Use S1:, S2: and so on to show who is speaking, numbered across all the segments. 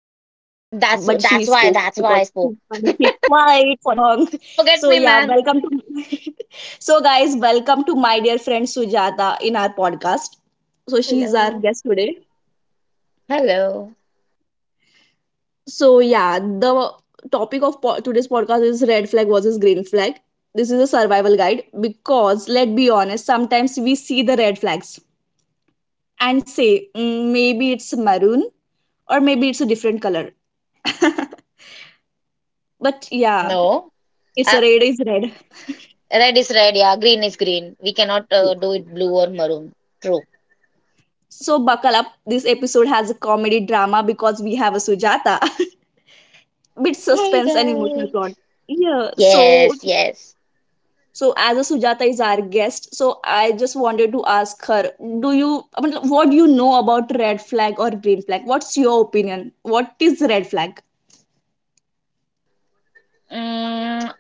S1: but she
S2: That's
S1: spoke
S2: that's
S1: because
S2: why
S1: she
S2: that's why I spoke.
S1: kept quiet for
S2: You
S1: long.
S2: should not
S1: So
S2: forget me,
S1: yeah,
S2: man.
S1: welcome to So guys, welcome to my dear friend Sujata in our podcast. So she is our
S2: Hello.
S1: guest today.
S2: Hello.
S1: So yeah, the topic of today's podcast is red flag versus green flag. This is a survival guide because let's be honest, sometimes we see the red flags and say, "Mm, maybe it's maroon or maybe it's a different color." But yeah,
S2: No.
S1: It's a
S2: Uh,
S1: red is red.
S2: Red is red, yeah. Green is green. We cannot do it blue or maroon. True.
S1: So buckle up. This episode has a comedy drama because we have a Sujata. Bit
S2: Hey
S1: suspense and emotional
S2: girl.
S1: plot. Yeah. So
S2: Yes, yes.
S1: so as a Sujata is our guest, so I just wanted to ask her, do you I mean, what do you know about red flag or green flag? What's your opinion? What is red flag?
S2: Mm,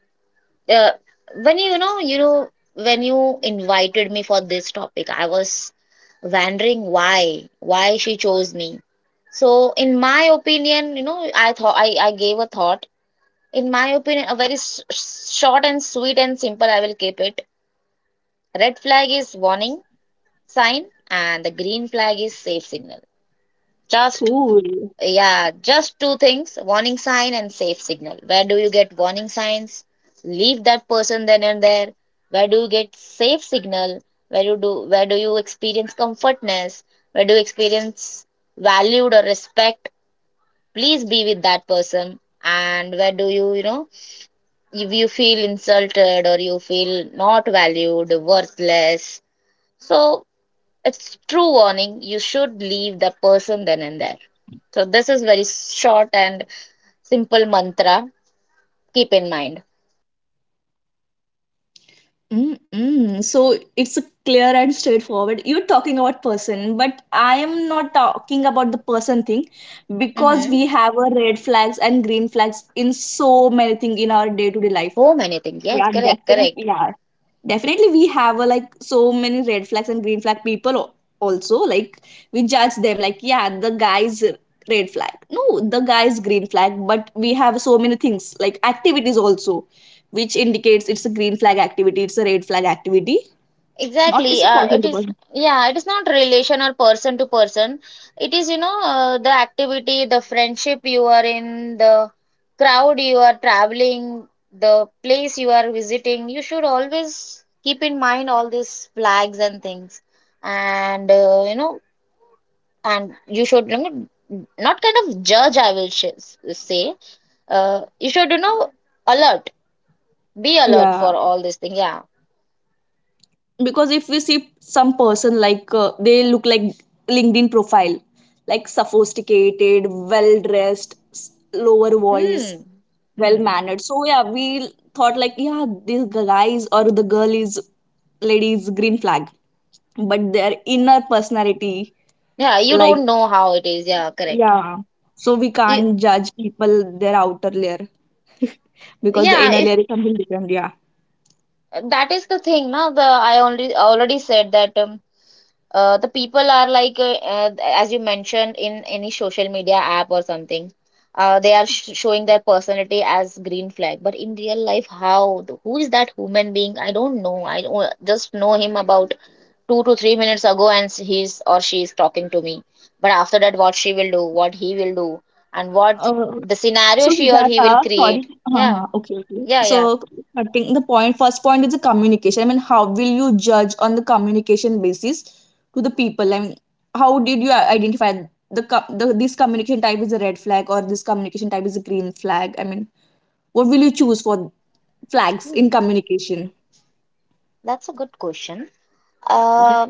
S2: uh, when when you invited me for this topic, I was wondering why she chose me. So, in my opinion, you know, I thought I gave a thought. In my opinion, a very short and sweet and simple, I will keep it. Red flag is warning sign, and the green flag is safe signal. Just,
S1: Cool.
S2: yeah, just two things, warning sign and safe signal. Where do you get warning signs? Leave that person then and there. Where do you get safe signal? Where do you experience comfortness? Where do you experience valued or respect? Please be with that person. And where do you, you know, if you feel insulted or you feel not valued, worthless. So it's true warning. You should leave the person then and there. So this is very short and simple mantra. Keep in mind.
S1: Mm-mm. So it's a clear and straightforward. You're talking about person, but I am not talking about the person thing because
S2: Mm-hmm.
S1: we have a red flags and green flags in so many things in our day-to-day life.
S2: So many things. Yes,
S1: Yeah,
S2: correct, correct.
S1: definitely. Yeah, definitely we have a, like so many red flags and green flag people also like we judge them like, yeah, the guy's red flag, no, the guy's green flag, but we have so many things like activities also, which indicates it's a green flag activity, it's a red flag activity, not
S2: Exactly.
S1: it's a person to person.
S2: Yeah, it is not relation or person to person. It is, you know, the activity, the friendship you are in, the crowd you are traveling, the place you are visiting. You should always keep in mind all these flags and things. And, you know, and you should, you know, not kind of judge, I will sh say. You should, you know, alert, be alert
S1: Yeah,
S2: for all these things. Yeah.
S1: because if we see some person like, they look like LinkedIn profile, like sophisticated, well dressed, lower voice,
S2: Hmm.
S1: well
S2: Hmm.
S1: mannered, so yeah, we thought like, yeah, this guy is or the girl is lady is green flag, but their inner personality,
S2: Yeah, you
S1: like,
S2: don't know how it is. Yeah, correct.
S1: yeah, so we
S2: You,
S1: can't judge people their outer layer. Because the
S2: yeah,
S1: inner
S2: if
S1: layer is something different. Yeah.
S2: that is the thing, now the I only already said that the people are like as you mentioned in any social media app or something, they are sh showing their personality as green flag. But in real life, how? Who is that human being? I don't know. I don't, Just know him about 2 to 3 minutes ago and he's or she is talking to me. But after that, what she will do, what he will do, and what
S1: uh,
S2: the scenario
S1: So
S2: she
S1: with
S2: or he will
S1: sorry.
S2: create.
S1: Uh-huh,
S2: Yeah,
S1: uh-huh. Okay, okay.
S2: yeah, yeah.
S1: So I think the point, first point is the communication. I mean, how will you judge on the communication basis to the people? I mean, how did you identify the this communication type is a red flag or this communication type is a green flag? I mean, what will you choose for flags in
S2: Hmm,
S1: communication?
S2: that's a good question.
S1: Yeah.
S2: Uh,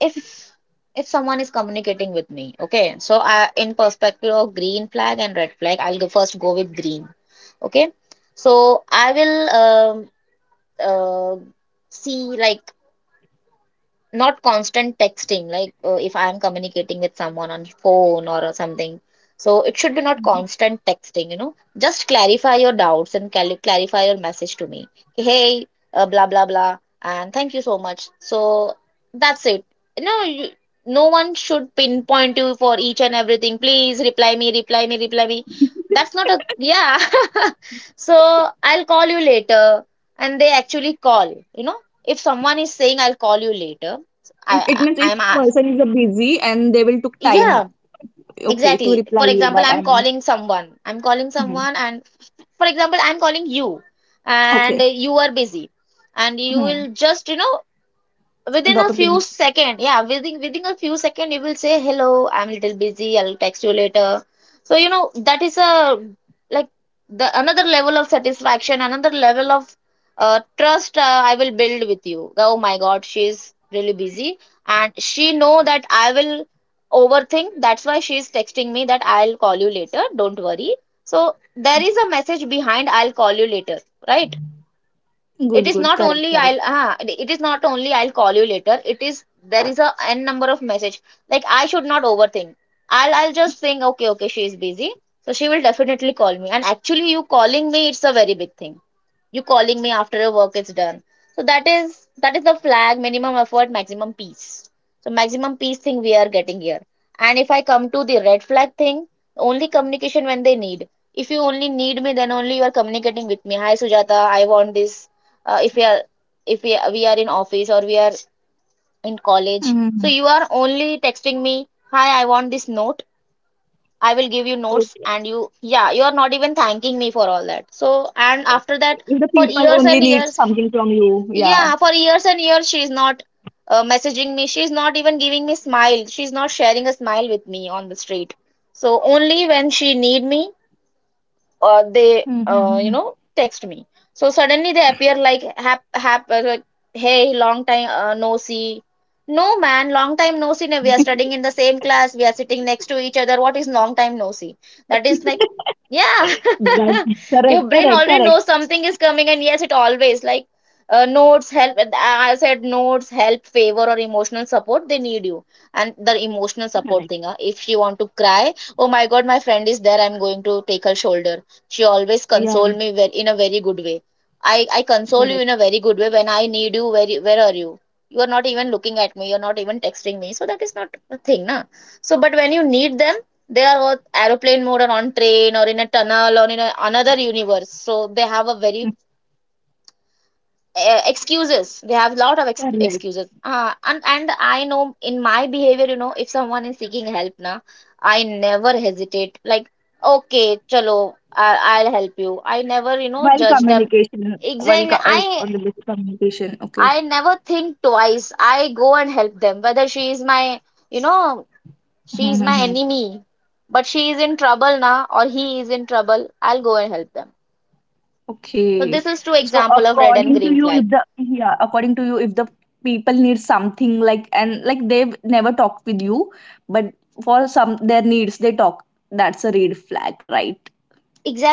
S2: if someone is communicating with me, okay. So I, in perspective of green flag and red flag, I'll go with green. Okay. So I will uh, see like not constant texting like if I am communicating with someone on phone or something, so it should be not constant texting, you know, just clarify your doubts and clarify your message to me. Hey, blah blah blah and thank you so much, so that's it. you know you, no one should pinpoint you for each and everything. Please reply me, reply me, reply me. That's not a, yeah. So I'll call you later and they actually call, you know, if someone is saying I'll call you later.
S1: It
S2: I
S1: means if
S2: I'm asked.
S1: person is a busy and they will took time,
S2: Yeah,
S1: okay, to
S2: exactly.
S1: reply
S2: For
S1: you
S2: example,
S1: that, I mean,
S2: I'm calling
S1: hmm,
S2: someone, and for example, I'm calling you, and
S1: okay,
S2: you are busy, and you
S1: hmm,
S2: will just you know. Within a
S1: drop a
S2: few
S1: ping.
S2: second, Yeah, within a few second, you will say, "Hello, I'm a little busy. I'll text you later." So you know that is a like the another level of satisfaction, another level of trust I will build with you. Oh my God, she's really busy, and she know that I will overthink. That's why she's texting me that I'll call you later. Don't worry. So there is a message behind. I'll call you later, right? It is
S1: Good,
S2: not
S1: good. Correct,
S2: only
S1: correct.
S2: it is not only I'll call you later. It is there is a n number of message. Like I should not overthink. I'll just think okay, okay, she is busy, so she will definitely call me. And actually you calling me, it's a very big thing. You calling me after your work is done, so that is the flag. Minimum effort, maximum peace. So maximum peace thing we are getting here. And if I come to the red flag thing, only communication when they need. If you only need me, then only you are communicating with me. Hi Sujata, I want this. uh, if we are if we are in office or we are in college,
S1: Mm-hmm.
S2: so you are only texting me. Hi, I want this note. I will give you notes,
S1: Okay,
S2: and you, yeah, you are not even thanking me for all that. So and after
S1: okay.
S2: that,
S1: If the
S2: for
S1: people
S2: years
S1: only
S2: and
S1: need
S2: years.
S1: something from you, yeah.
S2: Yeah, for years and years, she's not messaging me. She's not even giving me smile. She's not sharing a smile with me on the street. So only when she need me, or they
S1: Mm-hmm.
S2: you know text me, so suddenly they appear like hap, hap like hey, long time no see. No man, long time no see. We are studying in the same class, we are sitting next to each other. What is long time no see? That is like, yeah.
S1: That's
S2: Your
S1: correct,
S2: brain
S1: correct,
S2: already
S1: correct,
S2: knows something is coming, and yes, it always like notes help. I said notes help, favor, or emotional support, they need you. And the emotional support
S1: correct.
S2: thing, if she want to cry, oh my God, my friend is there, I'm going to take her shoulder. She always
S1: Yeah,
S2: console me in a very good way. I console you
S1: correct,
S2: in a very good way when I need you. Where are you? You are not even looking at me. You're not even texting me. So that is not a thing, na. So but when you need them, they are on aeroplane mode or on train or in a tunnel or in another universe. So they have a very excuses they have a lot of
S1: correct.
S2: excuses. And I know in my behavior, you know, if someone is seeking help na, I never hesitate. Like okay, chalo, I'll help you. I never you know
S1: While
S2: judge them.
S1: communication,
S2: Exactly,
S1: on the best communication, okay.
S2: I never think twice. I go and help them, whether she is my, you know, she is my enemy, but she is in trouble na, or he is in trouble, I'll go and help them. So this
S1: Okay.
S2: is two
S1: So
S2: example of red and
S1: according to
S2: green
S1: you, if
S2: flag.
S1: the yeah, according to you, if the people need something like, and like they've never talked with you, but for some their needs they talk. That's a red flag, right?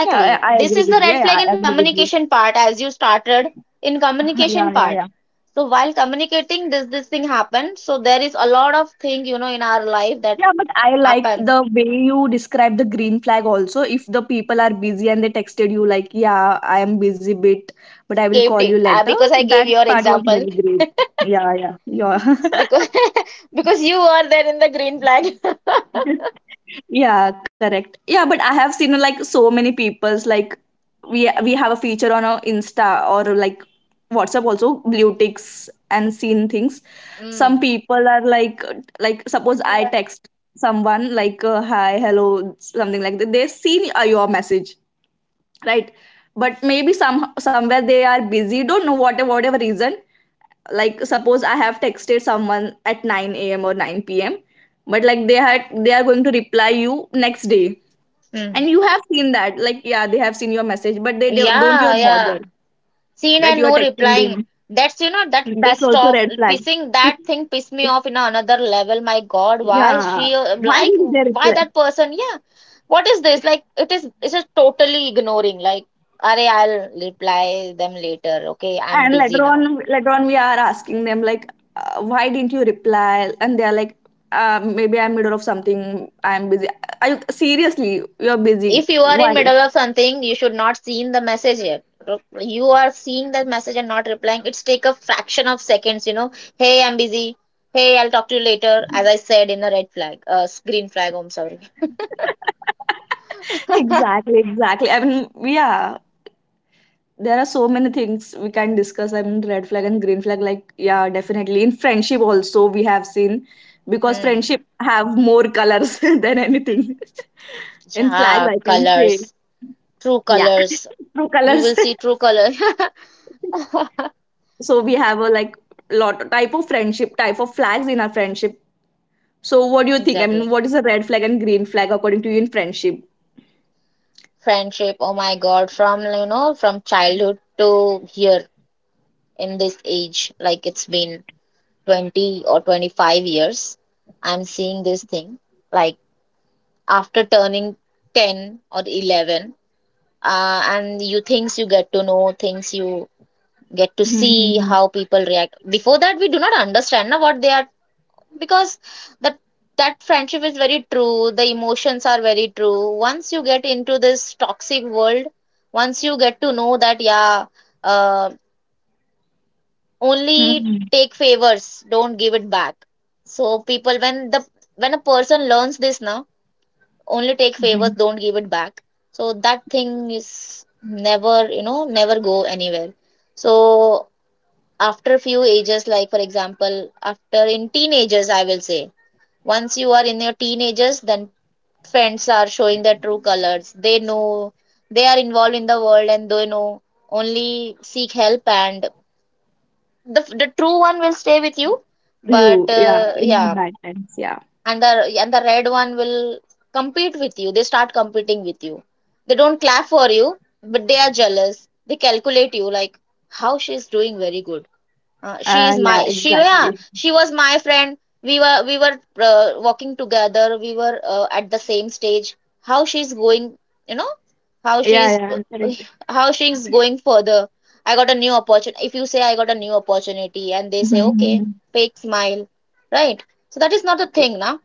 S1: Yeah, I
S2: This
S1: agree
S2: is
S1: with
S2: the
S1: you.
S2: red
S1: Yeah,
S2: flag
S1: I
S2: in
S1: agree with you.
S2: communication part as you started, in communication
S1: Yeah, yeah,
S2: part.
S1: yeah.
S2: So while communicating, this thing happened. So there is a lot of thing, you know, in our life that
S1: Yeah, but I like
S2: happens.
S1: the way you describe the green flag also. If the people are busy and they texted you like, yeah, I am busy bit, but I will call you later.
S2: Because I gave
S1: That
S2: your
S1: part was
S2: example,
S1: really great. Yeah, yeah. Yeah.
S2: because because you are there in the green flag.
S1: Yeah, correct. Yeah, but I have seen like so many people's like we have a feature on our Insta or like WhatsApp also, blue ticks and seen things. Some
S2: Mm.
S1: people are like, suppose I text someone like, hi, hello, something like that. They seen your message, right? But maybe some somewhere they are busy, don't know what, whatever reason, like suppose I have texted someone at 9 a.m or 9 p.m, but like they are going to reply you next day, and
S2: Mm.
S1: you have seen that like, yeah, they have seen your message, but they don't your
S2: Yeah,
S1: bother
S2: yeah. Seen
S1: that
S2: and
S1: you are
S2: no
S1: texting
S2: replying.
S1: them.
S2: That's you know that
S1: That's
S2: pissed
S1: also
S2: off.
S1: red flag.
S2: Pissing That thing pissed me off in another level. My God, why is
S1: Yeah,
S2: she
S1: why
S2: like
S1: didn't they
S2: why
S1: reply?
S2: that person? Yeah, what is this? Like it's just totally ignoring. Like, arey, I'll reply them later. Okay, I'm
S1: And
S2: busy
S1: later
S2: now.
S1: on later on we are asking them like, why didn't you reply? And they are like, maybe I'm middle of something, I'm busy. Are you seriously, you're busy,
S2: If you are in
S1: why?
S2: middle of something, you should not seen the message yet. You are seeing the message and not replying. It's take a fraction of seconds. You know, hey, I'm busy. Hey, I'll talk to you later. As I said in a red flag, green flag. I'm sorry.
S1: Exactly, I mean. Yeah, there are so many things we can discuss, I mean, red flag and green flag. Like, yeah, definitely in friendship also we have seen, because
S2: Hmm.
S1: friendship have more colors than anything in flags,
S2: Yeah,
S1: I can say.
S2: colors, true
S1: Yeah,
S2: colors.
S1: true
S2: You will
S1: colors.
S2: see true color.
S1: So we have a like lot type of friendship, type of flags in our friendship. So what do you think? I mean,
S2: Exactly.
S1: what is a red flag and green flag according to you in friendship?
S2: Friendship, oh my God, from you know, from childhood to here in this age, like it's been 20 or 25 years, I'm seeing this thing. Like after turning 10 or 11, and you things you get to know, things you get to
S1: Hmm, hmm,
S2: see
S1: hmm.
S2: how people react. Before that, we do not understand na, what they are, because that that friendship is very true, the emotions are very true. Once you get into this toxic world, once you get to know that, yeah, uh,
S1: Hmm,
S2: only
S1: hmm,
S2: take favors, don't give it back. So people when the, when a person learns this now, only take favors
S1: hmm.
S2: don't give it back. So that thing is never you know never go anywhere. So after few ages, like for example, after in teenagers I will say, once you are in your teenagers, then friends are showing their true colors. They know they are involved in the world and they know only seek help, and the true one will stay with you, but
S1: You, yeah, in
S2: yeah,
S1: bad times, yeah.
S2: and the, and the red one will compete with you. They start competing with you. They don't clap for you, but they are jealous. They calculate you like how she is doing very good. She is
S1: Yeah,
S2: my she Yeah,
S1: exactly.
S2: she was my friend. We were walking together. We were at the same stage. How she's going, you know, how
S1: Yeah,
S2: she's
S1: yeah, correct.
S2: how she's going further. I got a new opportunity. If you say I got a new opportunity, and they say
S1: Mhm,
S2: okay,
S1: mhm.
S2: fake smile, right? So that is not the thing, now.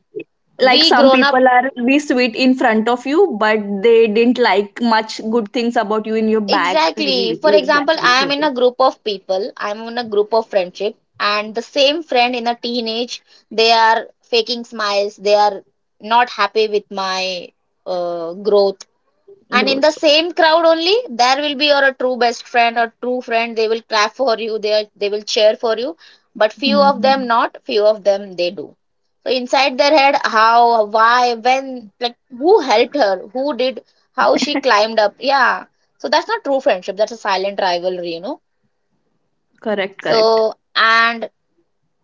S1: Like
S2: We
S1: some
S2: grown up.
S1: people are be sweet in front of you, but they didn't like much good things about you in your back.
S2: Exactly.
S1: Maybe
S2: For example,
S1: exactly
S2: I am
S1: growth.
S2: in a group of people, I'm in a group of friendship, and the same friend in a teenage, they are faking smiles, they are not happy with my growth, and in the
S1: Growth.
S2: same crowd only, there will be your true best friend or true friend. They will clap for you. They will cheer for you. But few of them
S1: Mhm.
S2: not, few of them they do. So inside their head, how, why, when, like who helped her, who did, how she climbed up. Yeah. So that's not true friendship. That's a silent rivalry, you know.
S1: Correct, correct.
S2: So and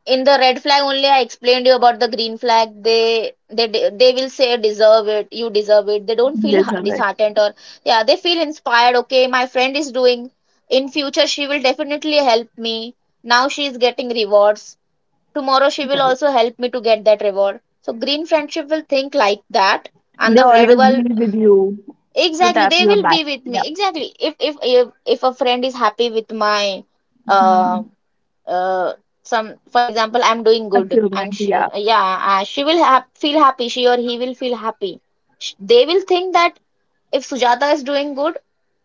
S2: in the red flag only I explained you about the green flag. They they will say deserve it. You deserve it. They don't feel
S1: Yes, correct.
S2: disheartened or yeah, they feel inspired. Okay, my friend is doing. In future, she will definitely help me. Now she is getting rewards. Tomorrow she will
S1: Correct.
S2: also help me to get that reward. So green friendship will think like that, and
S1: They
S2: the red
S1: always
S2: one,
S1: be with you to
S2: exactly,
S1: tap
S2: they
S1: your
S2: will
S1: back.
S2: be with
S1: Yeah.
S2: me. Exactly. If if a friend is happy with my uh
S1: Mhm.
S2: uh, some, for example, I'm doing good
S1: Achievement.
S2: and she,
S1: Yeah.
S2: she will ha feel happy, she or he will feel happy. They will think that if Sujata is doing good,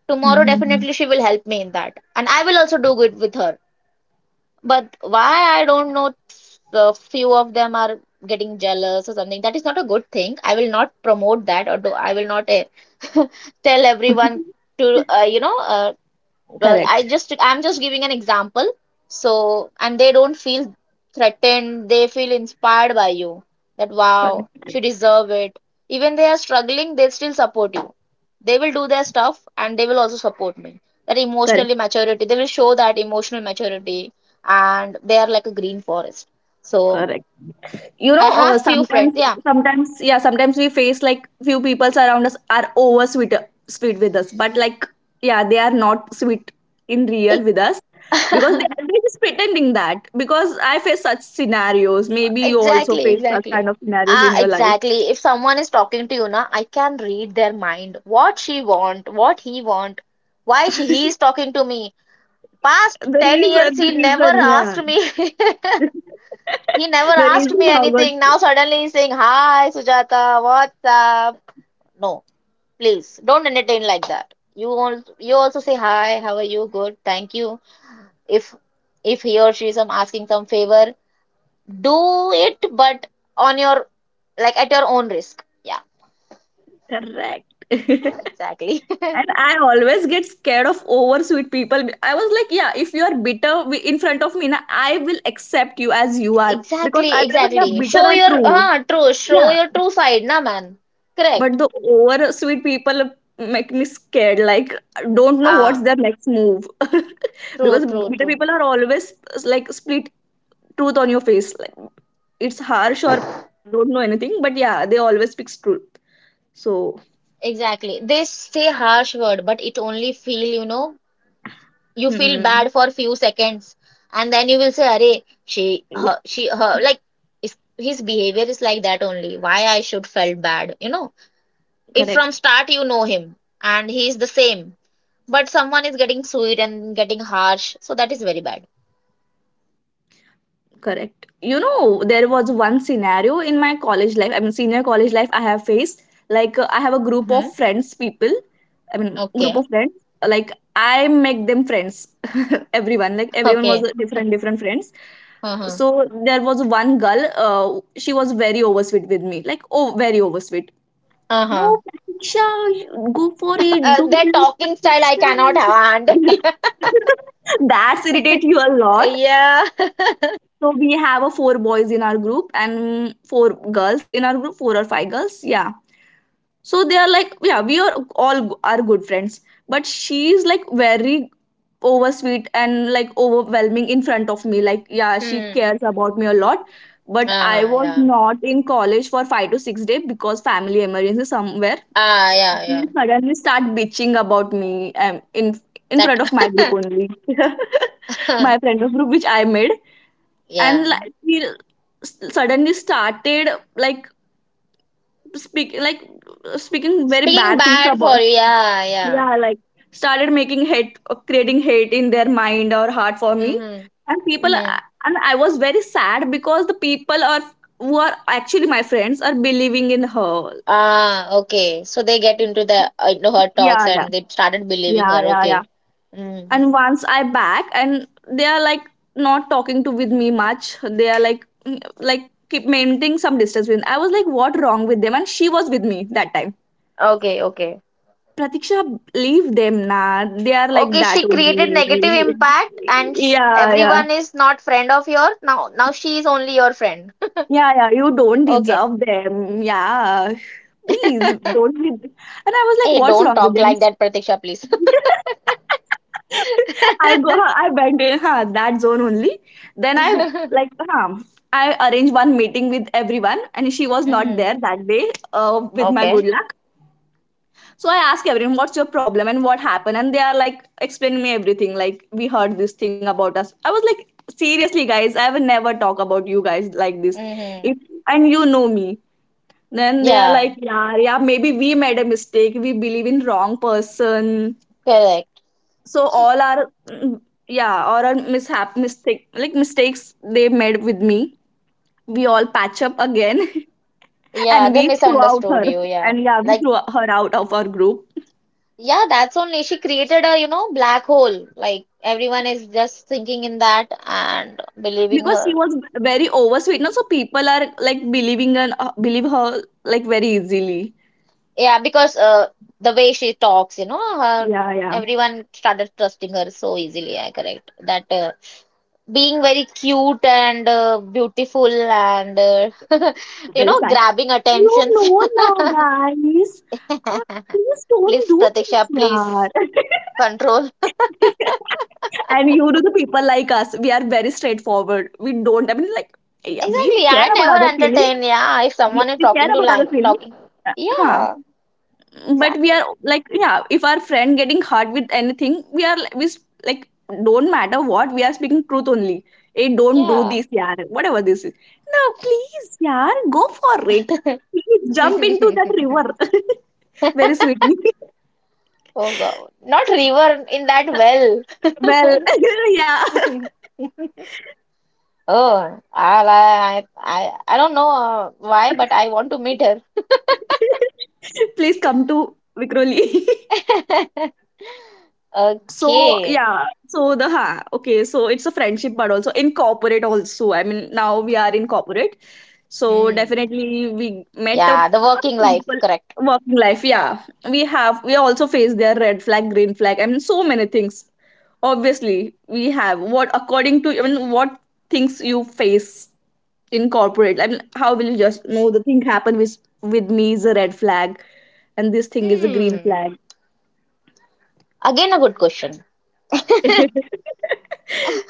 S2: tomorrow
S1: Mhm.
S2: definitely she will help me in that, and I will also do good with her. But why, I don't know, the few of them are getting jealous or something. That is not a good thing. I will not promote that or do, I will not tell everyone to well,
S1: Correct.
S2: I'm just giving an example. So and they don't feel threatened, they feel inspired by you. That wow,
S1: Correct.
S2: she deserve it. Even they are struggling, they still support you. They will do their stuff and they will also support me. That emotionally
S1: Correct.
S2: maturity, they will show that emotional maturity. And they are like a green forest. So
S1: Correct. you
S2: I
S1: know
S2: have
S1: uh,
S2: few friends,
S1: sometimes,
S2: yeah.
S1: yeah, sometimes we face like few peoples around us are over sweet with us, but like, yeah, they are not sweet in real with us, because they, they're just pretending that, because I face such scenarios, maybe you also
S2: Exactly,
S1: face such
S2: exactly.
S1: kind of scenarios in
S2: Ah,
S1: your life.
S2: exactly. If someone is talking to you now, I can read their mind. What she want, what he want, why she he is talking to me. Past
S1: the
S2: 10 years
S1: reason the
S2: he never
S1: reason
S2: asked
S1: yeah.
S2: me. He never
S1: The
S2: asked me
S1: reason, how about?
S2: anything. Now suddenly he's saying, Hi, Sujata, what's up? No, please don't entertain like that. You also say hi, how are you? Good, thank you. If if he or she is asking some favor, do it, but on your, like, at your own risk. Yeah,
S1: Correct.
S2: exactly.
S1: And I always get scared of oversweet people. I was like, yeah, if you are bitter in front of me, na, I will accept you as you are, because
S2: Exactly,
S1: I prefer, yeah,
S2: exactly,
S1: bitter
S2: show
S1: and
S2: your
S1: true.
S2: true, show
S1: Yeah,
S2: your true side na man. Correct.
S1: but the oversweet people make me scared. Like, don't know what's
S2: Ah,
S1: their next move.
S2: true,
S1: Because
S2: true,
S1: bitter
S2: true.
S1: people are always like split truth on your face. Like, it's harsh or don't know anything, but yeah, they always speak truth. So,
S2: Exactly, they say harsh word, but it only feel, you know, you feel
S1: hmm,
S2: bad for few seconds, and then you will say, Arey, she
S1: yeah,
S2: her she her like is his behavior is like that only, why I should felt bad, you know? If from
S1: correct.
S2: start you know him, and he is the same. But someone is getting sweet and getting harsh, so that is very bad.
S1: Correct. You know, there was one scenario in my college life, I mean, senior college life, I have faced. Like, I have a group of
S2: Mm-hmm.
S1: friends, people, I mean, group
S2: Okay.
S1: of friends. Like, I make them friends, everyone. Like, everyone was
S2: Okay.
S1: a different, different friends.
S2: Uh-huh.
S1: So, there was one girl, she was very oversweet with me. Like, oh, very oversweet.
S2: Uh-huh.
S1: No, Pratiksha, go for it, do
S2: Their talking style
S1: this,
S2: I cannot have
S1: Pratiksha.
S2: yeah.
S1: That's irritate you a lot.
S2: Yeah.
S1: So we have a four boys in our group and four girls in our group, four or five girls. Yeah. So they are like, yeah, we are all are good friends. But she is like very oversweet and like overwhelming in front of me. Like, yeah, she
S2: Hmm.
S1: cares about me a lot. But I
S2: Uh-huh.
S1: was
S2: Yeah.
S1: not in college for 5 to 6 days because family emergency somewhere.
S2: Ah, yeah,
S1: She
S2: yeah.
S1: suddenly start bitching about me, in
S2: That
S1: front of my group only. My friend of group which I made, and
S2: yeah.
S1: like suddenly started like speak like speaking very
S2: Speaking
S1: bad things
S2: bad
S1: about.
S2: for you, yeah, yeah.
S1: Yeah, like started making hate creating hate in their mind or heart for me
S2: Mm-hmm.
S1: and people,
S2: Mm-hmm.
S1: and I was very sad because the people are who are actually my friends are believing in her.
S2: Ah, okay. So they get into the into her talks
S1: Yeah, yeah,
S2: and they started believing
S1: yeah,
S2: her.
S1: yeah, yeah.
S2: Okay. Mm.
S1: And once I back, and they are like not talking to with me much, they are like, like keep maintaining some distance with. I was like, what wrong with them? And she was with me that time.
S2: Okay, okay.
S1: Pratiksha, leave them, nah, they are like
S2: Okay,
S1: that
S2: she created negative
S1: only.
S2: impact, and sh
S1: Yeah, yeah,
S2: everyone is not friend of yours. Now, now she is only your friend.
S1: yeah, yeah, you don't
S2: Okay.
S1: deserve them, yeah. Please don't leave. And I was like,
S2: Hey,
S1: what's
S2: don't
S1: wrong with
S2: talk
S1: them?
S2: like that, Pratiksha, please.
S1: I went in, that zone only. Then I like, huh, I arranged one meeting with everyone, and she was not
S2: Hmm.
S1: there that day, with my
S2: Okay.
S1: good luck. So I asked everyone, what's your problem and what happened? And they are like explaining me everything. Like, we heard this thing about us. I was like, seriously, guys, I will never talk about you guys like this. If,
S2: Hmm.
S1: and you know me. Then they are like,
S2: Yeah,
S1: yeah, yeah, maybe we made a mistake. We believe in wrong person.
S2: correct.
S1: So all our yeah, all our mishap mistake like mistakes they made with me, we all patch up again.
S2: Yeah,
S1: And
S2: they
S1: we threw out
S2: misunderstood
S1: her.
S2: you. Yeah.
S1: And yeah, we
S2: Like,
S1: threw her out of our group,
S2: yeah, that's only she created a, you know, black hole. Like, everyone is just thinking in that and believing
S1: because she
S2: her.
S1: was very oversweet, now so people are like believing and, believe her like very easily.
S2: Yeah, because the way she talks, you know, her
S1: Yeah, yeah.
S2: everyone started trusting her so easily. Yeah, correct. That being very cute and beautiful and you
S1: Very
S2: know,
S1: sad.
S2: grabbing
S1: You
S2: attentions.
S1: know now, guys. Uh, please don't
S2: Please,
S1: do this,
S2: Pratiksha,
S1: yaar.
S2: please control.
S1: And you know the people like us, we are very straightforward. We don't, I mean, like, yeah, we
S2: Exactly. Yeah,
S1: care
S2: I
S1: about
S2: never
S1: other feelings.
S2: entertain. Yeah, if
S1: We,
S2: someone is
S1: we care
S2: talking to
S1: about other
S2: line
S1: feelings.
S2: talking.
S1: Huh
S2: Yeah,
S1: but we are
S2: exactly.
S1: like, yeah, if our friend getting hurt with anything we are like- we s- like don't matter what we are speaking truth only. Hey, don't do
S2: Yeah.
S1: this, yaar, whatever this is. No, please, yaar, go for it. Please jump into that river. Very sweetly.
S2: Oh God, not river in that well.
S1: Well, yeah.
S2: Oh, I don't know why, but I want to meet her.
S1: Please come to vikroli. So
S2: Okay.
S1: yeah, so the ha okay, so it's a friendship, but also in corporate also. I mean, now we are in corporate, so
S2: Hmm.
S1: definitely we met up
S2: Yeah, the
S1: lot of
S2: working life,
S1: people,
S2: correct.
S1: working life. Yeah, we also face their red flag, green flag. I mean, so many things. Obviously, we have what according to I mean what things you face in corporate. I mean, how will you just know the thing happened with me is a red flag, and this thing is a green
S2: Hmm.
S1: flag.
S2: Again, a good question.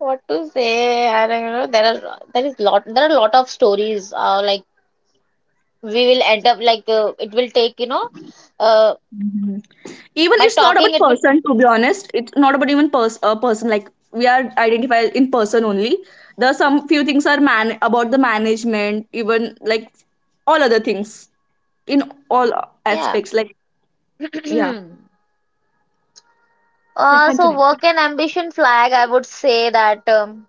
S2: What to say? I don't know. There are lot of stories. Like we will end up like it will take, you know, uh,
S1: Even
S2: by
S1: it's not
S2: talking
S1: about
S2: it will
S1: person, to be honest. It's not about a person, like we are identified in person only. There are some few things are man about the management, even like all other things in all
S2: yeah.
S1: aspects like. Yeah, yeah,
S2: So
S1: continue.
S2: work and ambition flag. I would say that.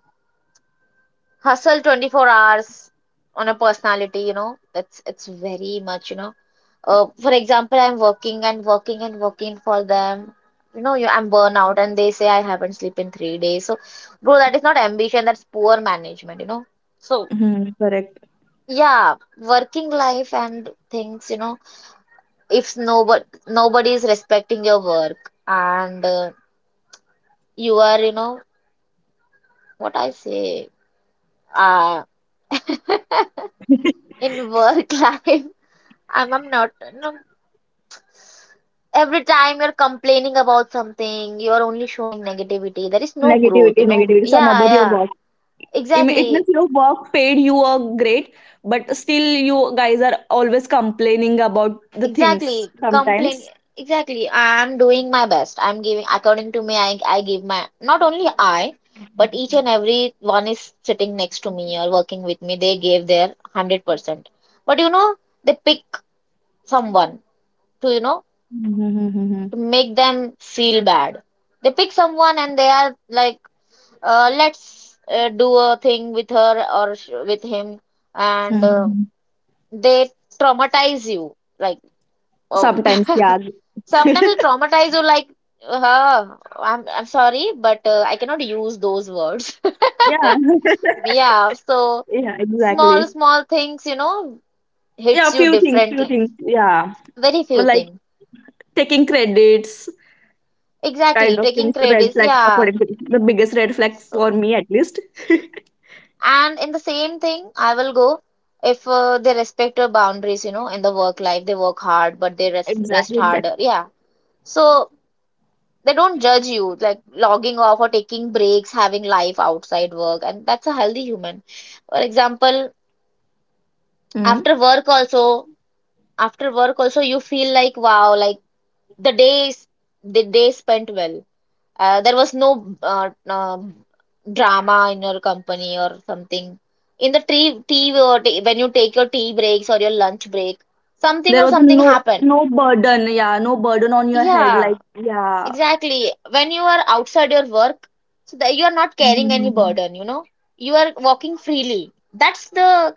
S2: Hustle 24 hours on a personality, you know, that's, it's very much, you know, for example, I'm working and working and working for them, you know you, I'm burnout, and they say I haven't slept in 3 days, so bro, that is not ambition, that's poor management, you know. So
S1: Hmm, correct.
S2: yeah, working life and things, you know, if nobody is respecting your work and you are, you know, what I say uh in work life. I'm not. No. Every time you're complaining about something, you're only showing negativity. There is no growth,
S1: negativity
S2: you know.
S1: negativity some
S2: Yeah,
S1: about your
S2: yeah.
S1: work. I mean, it means
S2: Exactly.
S1: your work paid you a great, but still you guys are always complaining about the things
S2: Exactly. Complain.
S1: sometimes.
S2: Exactly. I'm doing my best. According to me, I give my, not only I, but each and every one is sitting next to me or working with me. They gave their 100%. But you know, they pick someone to, you know,
S1: Mhm, mhm, mhm,
S2: to make them feel bad. They pick someone and they are like, let's do a thing with her or sh with him, and
S1: mhm.
S2: they traumatize you. Like, oh,
S1: Sometimes, yeah.
S2: sometimes they traumatize you. Like, I'm sorry, but I cannot use those words.
S1: Yeah.
S2: Yeah, so
S1: Yeah, exactly.
S2: small things, you know,
S1: Yeah,
S2: hits you
S1: few things, few
S2: differently.
S1: things. Yeah.
S2: Very few
S1: Like
S2: things.
S1: taking credits, kind
S2: Exactly,
S1: of
S2: taking
S1: things. Red
S2: credits.
S1: flag,
S2: Yeah.
S1: according to the biggest red flag for
S2: So.
S1: me, at least.
S2: And in the same thing, I will go if they respect your boundaries, you know, in the work life, they work hard, but they rest, rest
S1: Exactly, exactly.
S2: harder. Yeah. So they don't judge you, like logging off or taking breaks, having life outside work. And that's a healthy human. For example,
S1: Mm.
S2: after work also, after work also, you feel like, wow, like the days, the day spent well. There was no drama in your company or something. In the tea or when you take your tea breaks or your lunch break, something
S1: There
S2: or
S1: was
S2: something
S1: no
S2: happened.
S1: burden, yeah, no burden on your head.
S2: Yeah,
S1: Like, yeah.
S2: exactly. When you are outside your work, so that you are not carrying any burden, you know, you are walking freely. That's the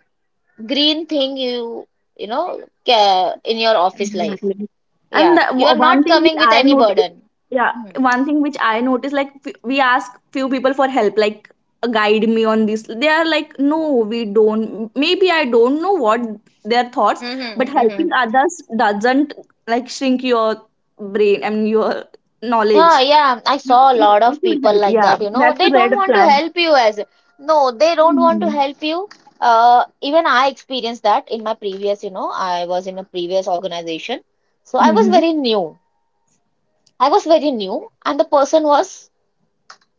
S2: green thing you, you know, in your office life.
S1: Exactly. And the,
S2: Yeah, you are
S1: one
S2: not
S1: thing which
S2: coming with
S1: I
S2: any
S1: noticed,
S2: burden.
S1: yeah,
S2: Mm-hmm.
S1: one thing which I noticed, like we ask few people for help, like, guide me on this." They are like, no, we don't. Maybe I don't know what their thoughts, but
S2: Mm-hmm. Mm-hmm.
S1: helping others doesn't like shrink your brain and your
S2: Yeah,
S1: knowledge.
S2: yeah, I
S1: You,
S2: saw a
S1: you
S2: lot
S1: you
S2: of
S1: should
S2: people
S1: help.
S2: like
S1: Yeah,
S2: that, you know.
S1: that's
S2: They
S1: a red
S2: don't want to
S1: flag.
S2: help you, as no, they don't want to
S1: Mm-hmm.
S2: help you. Even I experienced that in my previous, you know, I was in a previous organization. So I was
S1: Mm-hmm.
S2: very new. I was very new, and the person was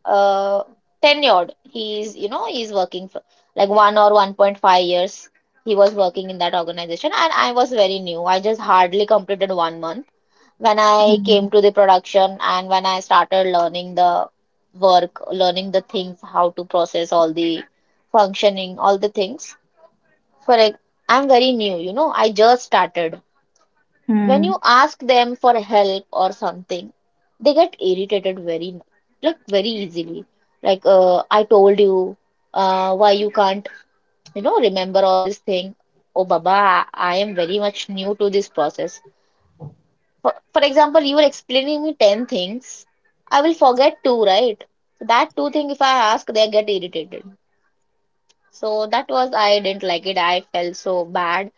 S2: uh tenured. He's, you know, he's working for like one or 1.5 years. He was working in that organization, and I was very new. I just hardly completed 1 month when I
S1: Mm-hmm.
S2: came to the production and when I started learning the work, learning the things, how to process all the functioning, all the things. For ex- I'm very new, you know, I just started. When
S1: Hmm.
S2: you ask them for help or something, they get irritated very, like very easily. Like, I told you, why you can't, you know, remember all this thing. Oh, Baba, I am very much new to this process. For example, you are explaining me 10 things. I will forget two, right? That two thing, if I ask, they get irritated. So that was, I didn't like it. I felt so bad.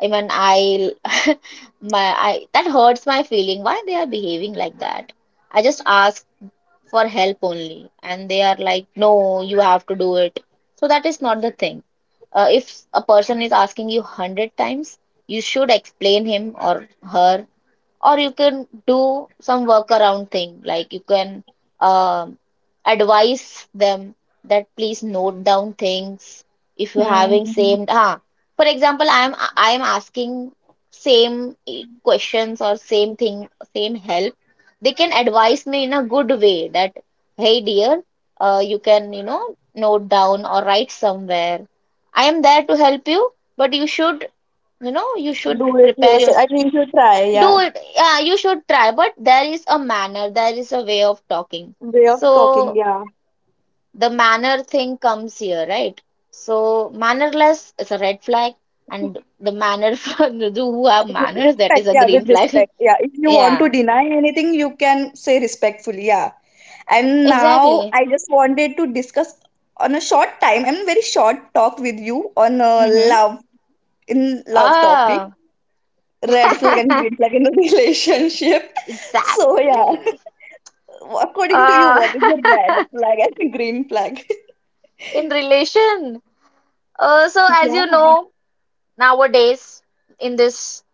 S2: Even I, my, I, that hurts my feeling. Why they are behaving like that? I just ask for help only, and they are like, no, you have to do it. So that is not the thing. If a person is asking you 100 times, you should explain him or her, or you can do some workaround thing, like you can um advise them that please note down things if you're having
S1: Hmm.
S2: same huh. For example, I am asking same questions or same thing, same help, they can advise me in a good way that hey dear, you can, you know, note down or write somewhere, I am there to help you, but you should, you know, you should
S1: Do it
S2: prepare your
S1: yourself. I think you should try.
S2: do
S1: Yeah,
S2: it. Yeah, you should try, but there is a manner, there is a way of talking.
S1: way of talking.
S2: So
S1: Yeah.
S2: the manner thing comes here, right? So mannerless is a red flag, and the manner for the who have
S1: With
S2: manners, that is
S1: respect,
S2: a
S1: yeah,
S2: green
S1: with
S2: flag.
S1: respect, yeah. If you want to
S2: Yeah,
S1: deny anything, you can say respectfully, yeah. And now
S2: exactly.
S1: I just wanted to discuss on a short time and very short talk with you on
S2: Mm-hmm.
S1: love, in love topic,
S2: Ah,
S1: red flag and green flag in a relationship. So yeah,
S2: exactly.
S1: according to you,
S2: Uh,
S1: what is the red flag and green flag?
S2: in relation. So as
S1: Yeah.
S2: you know, nowadays in this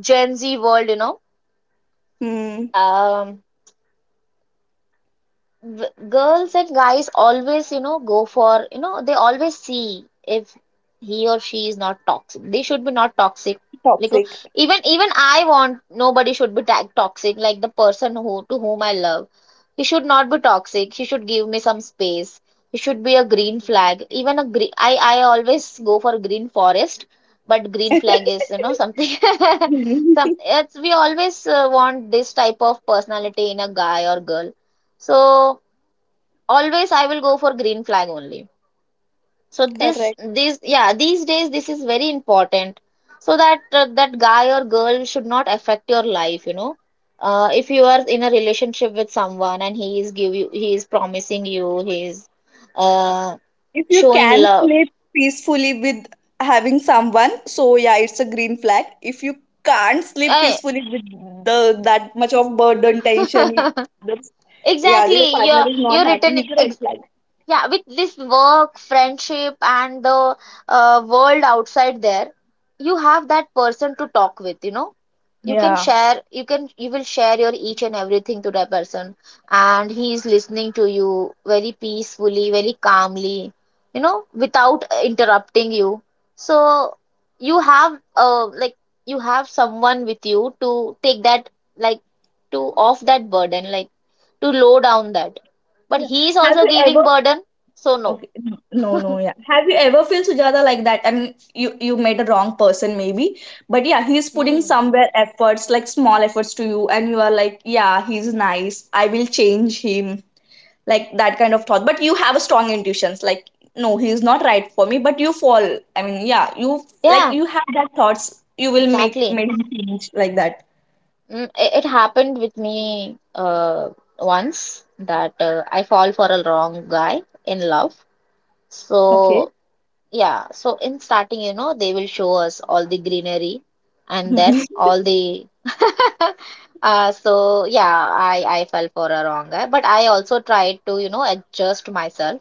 S2: Gen Z world, you know.
S1: Hmm.
S2: Um, Girls and guys always, you know, go for, you know, they always see if he or she is not toxic. They should be not toxic. Like
S1: Toxic.
S2: even I want nobody should be tag toxic. Like the person who to whom I love, he should not be toxic. He should give me some space. He should be a green flag. Even a green, I always go for green forest, but green flag is, you know, something. Some it's we always want this type of personality in a guy or girl. So always I will go for green flag only. So this
S1: Correct.
S2: this yeah, these days this is very important so that that guy or girl should not affect your life, you know. If you are in a relationship with someone and he is give you, he is promising you, he is uh,
S1: If you
S2: showing
S1: can
S2: love.
S1: sleep peacefully with having someone, so yeah, it's a green flag. If you can't sleep
S2: Eh,
S1: peacefully with the that much of burden, tension, that's, yeah, that your
S2: exactly,
S1: partner is not
S2: you're
S1: happy,
S2: returning
S1: he's a red
S2: ex,
S1: flag.
S2: yeah, with this work friendship and the world outside there, you have that person to talk with, you know. You can share, you can, you will share your each and everything to that person, and he is listening to you very peacefully, very calmly, you know, without interrupting you. So you have like, you have someone with you to take that, like, to off that burden, like to low down that, but
S1: Yeah.
S2: he is
S1: Have
S2: also
S1: you ever?
S2: giving burden. So no.
S1: Okay, no, no, yeah. Have you ever felt, Sujata, like that? I mean, you met a wrong person maybe, but yeah, he's putting
S2: Hmm.
S1: somewhere efforts, like small efforts to you, and you are like, yeah, he's nice. I will change him. Like that kind of thought, but you have a strong intuitions like no, he is not right for me, but you fall. I mean, yeah, you like
S2: Yeah,
S1: you have that thoughts you will make
S2: exactly.
S1: make him change like that.
S2: Mm, it happened with me once that I fall for a wrong guy in love. So,
S1: Okay.
S2: yeah, so in starting, you know, they will show us all the greenery and then all the so yeah, I fell for a wrong guy, but I also tried to, you know, adjust myself,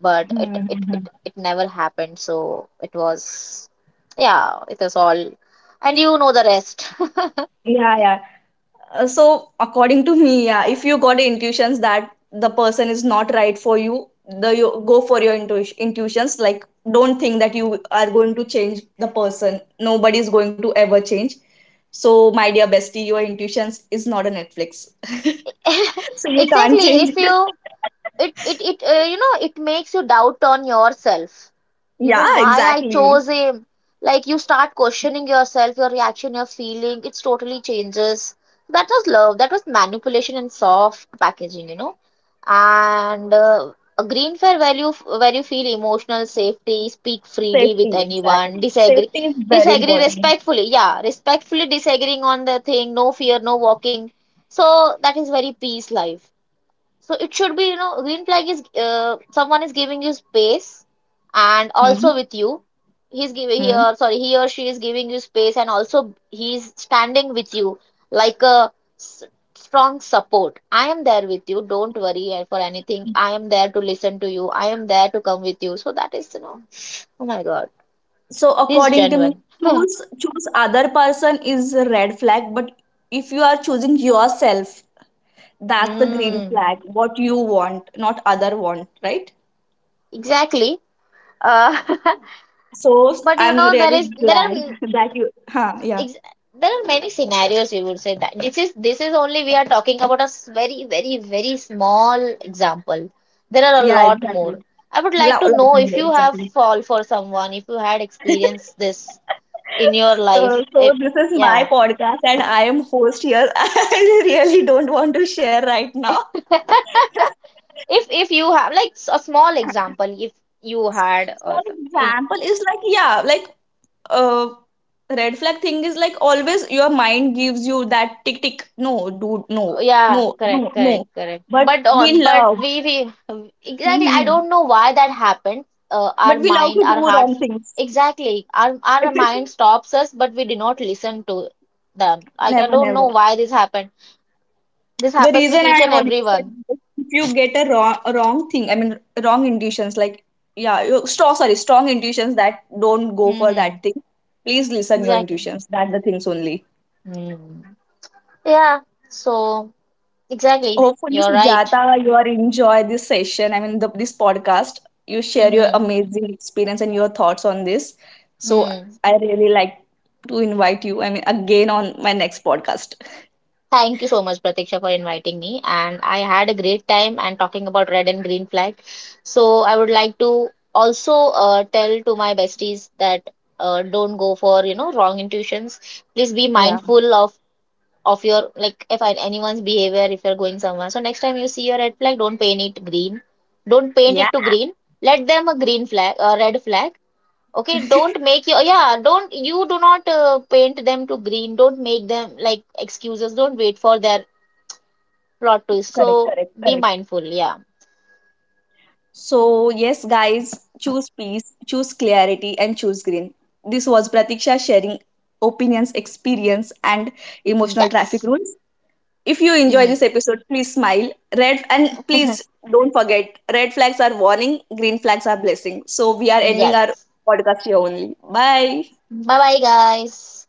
S2: but it it
S1: Mhm.
S2: it, it never happened. So it was, yeah, it was all, and you know the rest.
S1: Yeah, yeah. So according to me, yeah, if you got intuitions that the person is not right for you, the you go for your intuitions. Like, don't think that you are going to change the person. Nobody is going to ever change. So, my dear bestie, your intuitions is not a Netflix. So you can't
S2: Exactly.
S1: change
S2: If
S1: it.
S2: you, it you know, it makes you doubt on yourself, you know,
S1: Yeah,
S2: why I
S1: exactly.
S2: chose him. Like, you start questioning yourself, your reaction, your feeling, it's totally changes. That was love, that was manipulation and soft packaging, you know. And a green fair value where you feel emotional safety, speak freely with
S1: Safety,
S2: anyone,
S1: exactly.
S2: disagree,
S1: Safety is very
S2: disagree
S1: important.
S2: respectfully, yeah, respectfully disagreeing on the thing, no fear, no walking. So that is very peace life. So it should be, you know, green flag is someone is giving you space and
S1: Hmm.
S2: also with you. He's giving, he
S1: Hmm.
S2: or sorry, he or she is giving you space and also he's standing with you like a s- strong support. I am there with you. Don't worry for anything. I am there to listen to you. I am there to come with you. So that is, you know, oh my God,
S1: So
S2: he's
S1: according to me,
S2: genuine.
S1: choose other person is a red flag, but if you are choosing yourself, that's the green
S2: Hmm.
S1: flag. What you want, not other want, right?
S2: Exactly. Uh,
S1: So
S2: but you
S1: I'm
S2: know there
S1: really
S2: is there
S1: glad
S2: are
S1: that you. Huh, yeah,
S2: ex- there are many scenarios. We would say that this is only, we are talking about a very very very small example, there are a
S1: yeah,
S2: lot more.
S1: exactly.
S2: I would like to know if you have
S1: Exactly.
S2: fall for someone, if you had experienced this in your life,
S1: So
S2: if,
S1: this is my
S2: yeah,
S1: podcast and I am host here. I really don't want to share right now.
S2: if you have like a small example, if you had or
S1: Small
S2: so- in.
S1: example is like yeah, like uh red flag thing is like always your mind gives you that tick tick. No, dude, no,
S2: Yeah,
S1: no, no,
S2: correct, correct,
S1: no.
S2: correct.
S1: But
S2: But on,
S1: we
S2: but
S1: love.
S2: we re, exactly. I
S1: Hmm.
S2: don't know why that happened.
S1: But
S2: Our
S1: we love
S2: mind,
S1: to do
S2: our
S1: wrong
S2: hearts,
S1: things.
S2: exactly. Our mind stops us, but we do not listen to them. I
S1: Never,
S2: don't know
S1: never.
S2: why this happened. This
S1: The
S2: happens with
S1: reason
S2: each
S1: I
S2: and
S1: always said
S2: everyone.
S1: this, if you get a wrong thing, I mean wrong intuitions, like yeah, strong intuitions that don't go for
S2: Hmm.
S1: that thing. Please listen your
S2: Exactly.
S1: intuitions. That the things only.
S2: Hmm. Yeah. So exactly,
S1: Hopefully,
S2: you're right.
S1: Sujata, you are enjoy this session. I mean this podcast. You share your
S2: Mm-hmm.
S1: amazing experience and your thoughts on this. So
S2: Hmm.
S1: I really like to invite you. I mean again on my next podcast.
S2: Thank you so much, Pratiksha, for inviting me. And I had a great time and talking about red and green flag. So I would like to also tell to my besties that don't go for, you know, wrong intuitions. Please be
S1: Yeah.
S2: mindful of your, like, if anyone's behavior, if you're going somewhere. So next time you see your red flag, don't paint it green. Don't paint
S1: Yeah.
S2: it to green. Let them a green flag, a red flag. Okay, don't make your, yeah, don't you do not paint them to green. Don't make them like excuses. Don't wait for their plot twist.
S1: Correct.
S2: So
S1: Correct.
S2: be
S1: Correct.
S2: mindful. Yeah.
S1: So, yes, guys, choose peace, choose clarity, and choose green. This was Pratiksha sharing opinions, experience, and emotional traffic
S2: Yes.
S1: rules. If you enjoy
S2: Ye-
S1: this episode, please smile. Red, and please don't forget red flags are warning, green flags are blessing. So, we are ending our
S2: Yes.
S1: podcast here only. Bye.
S2: Bye bye, guys.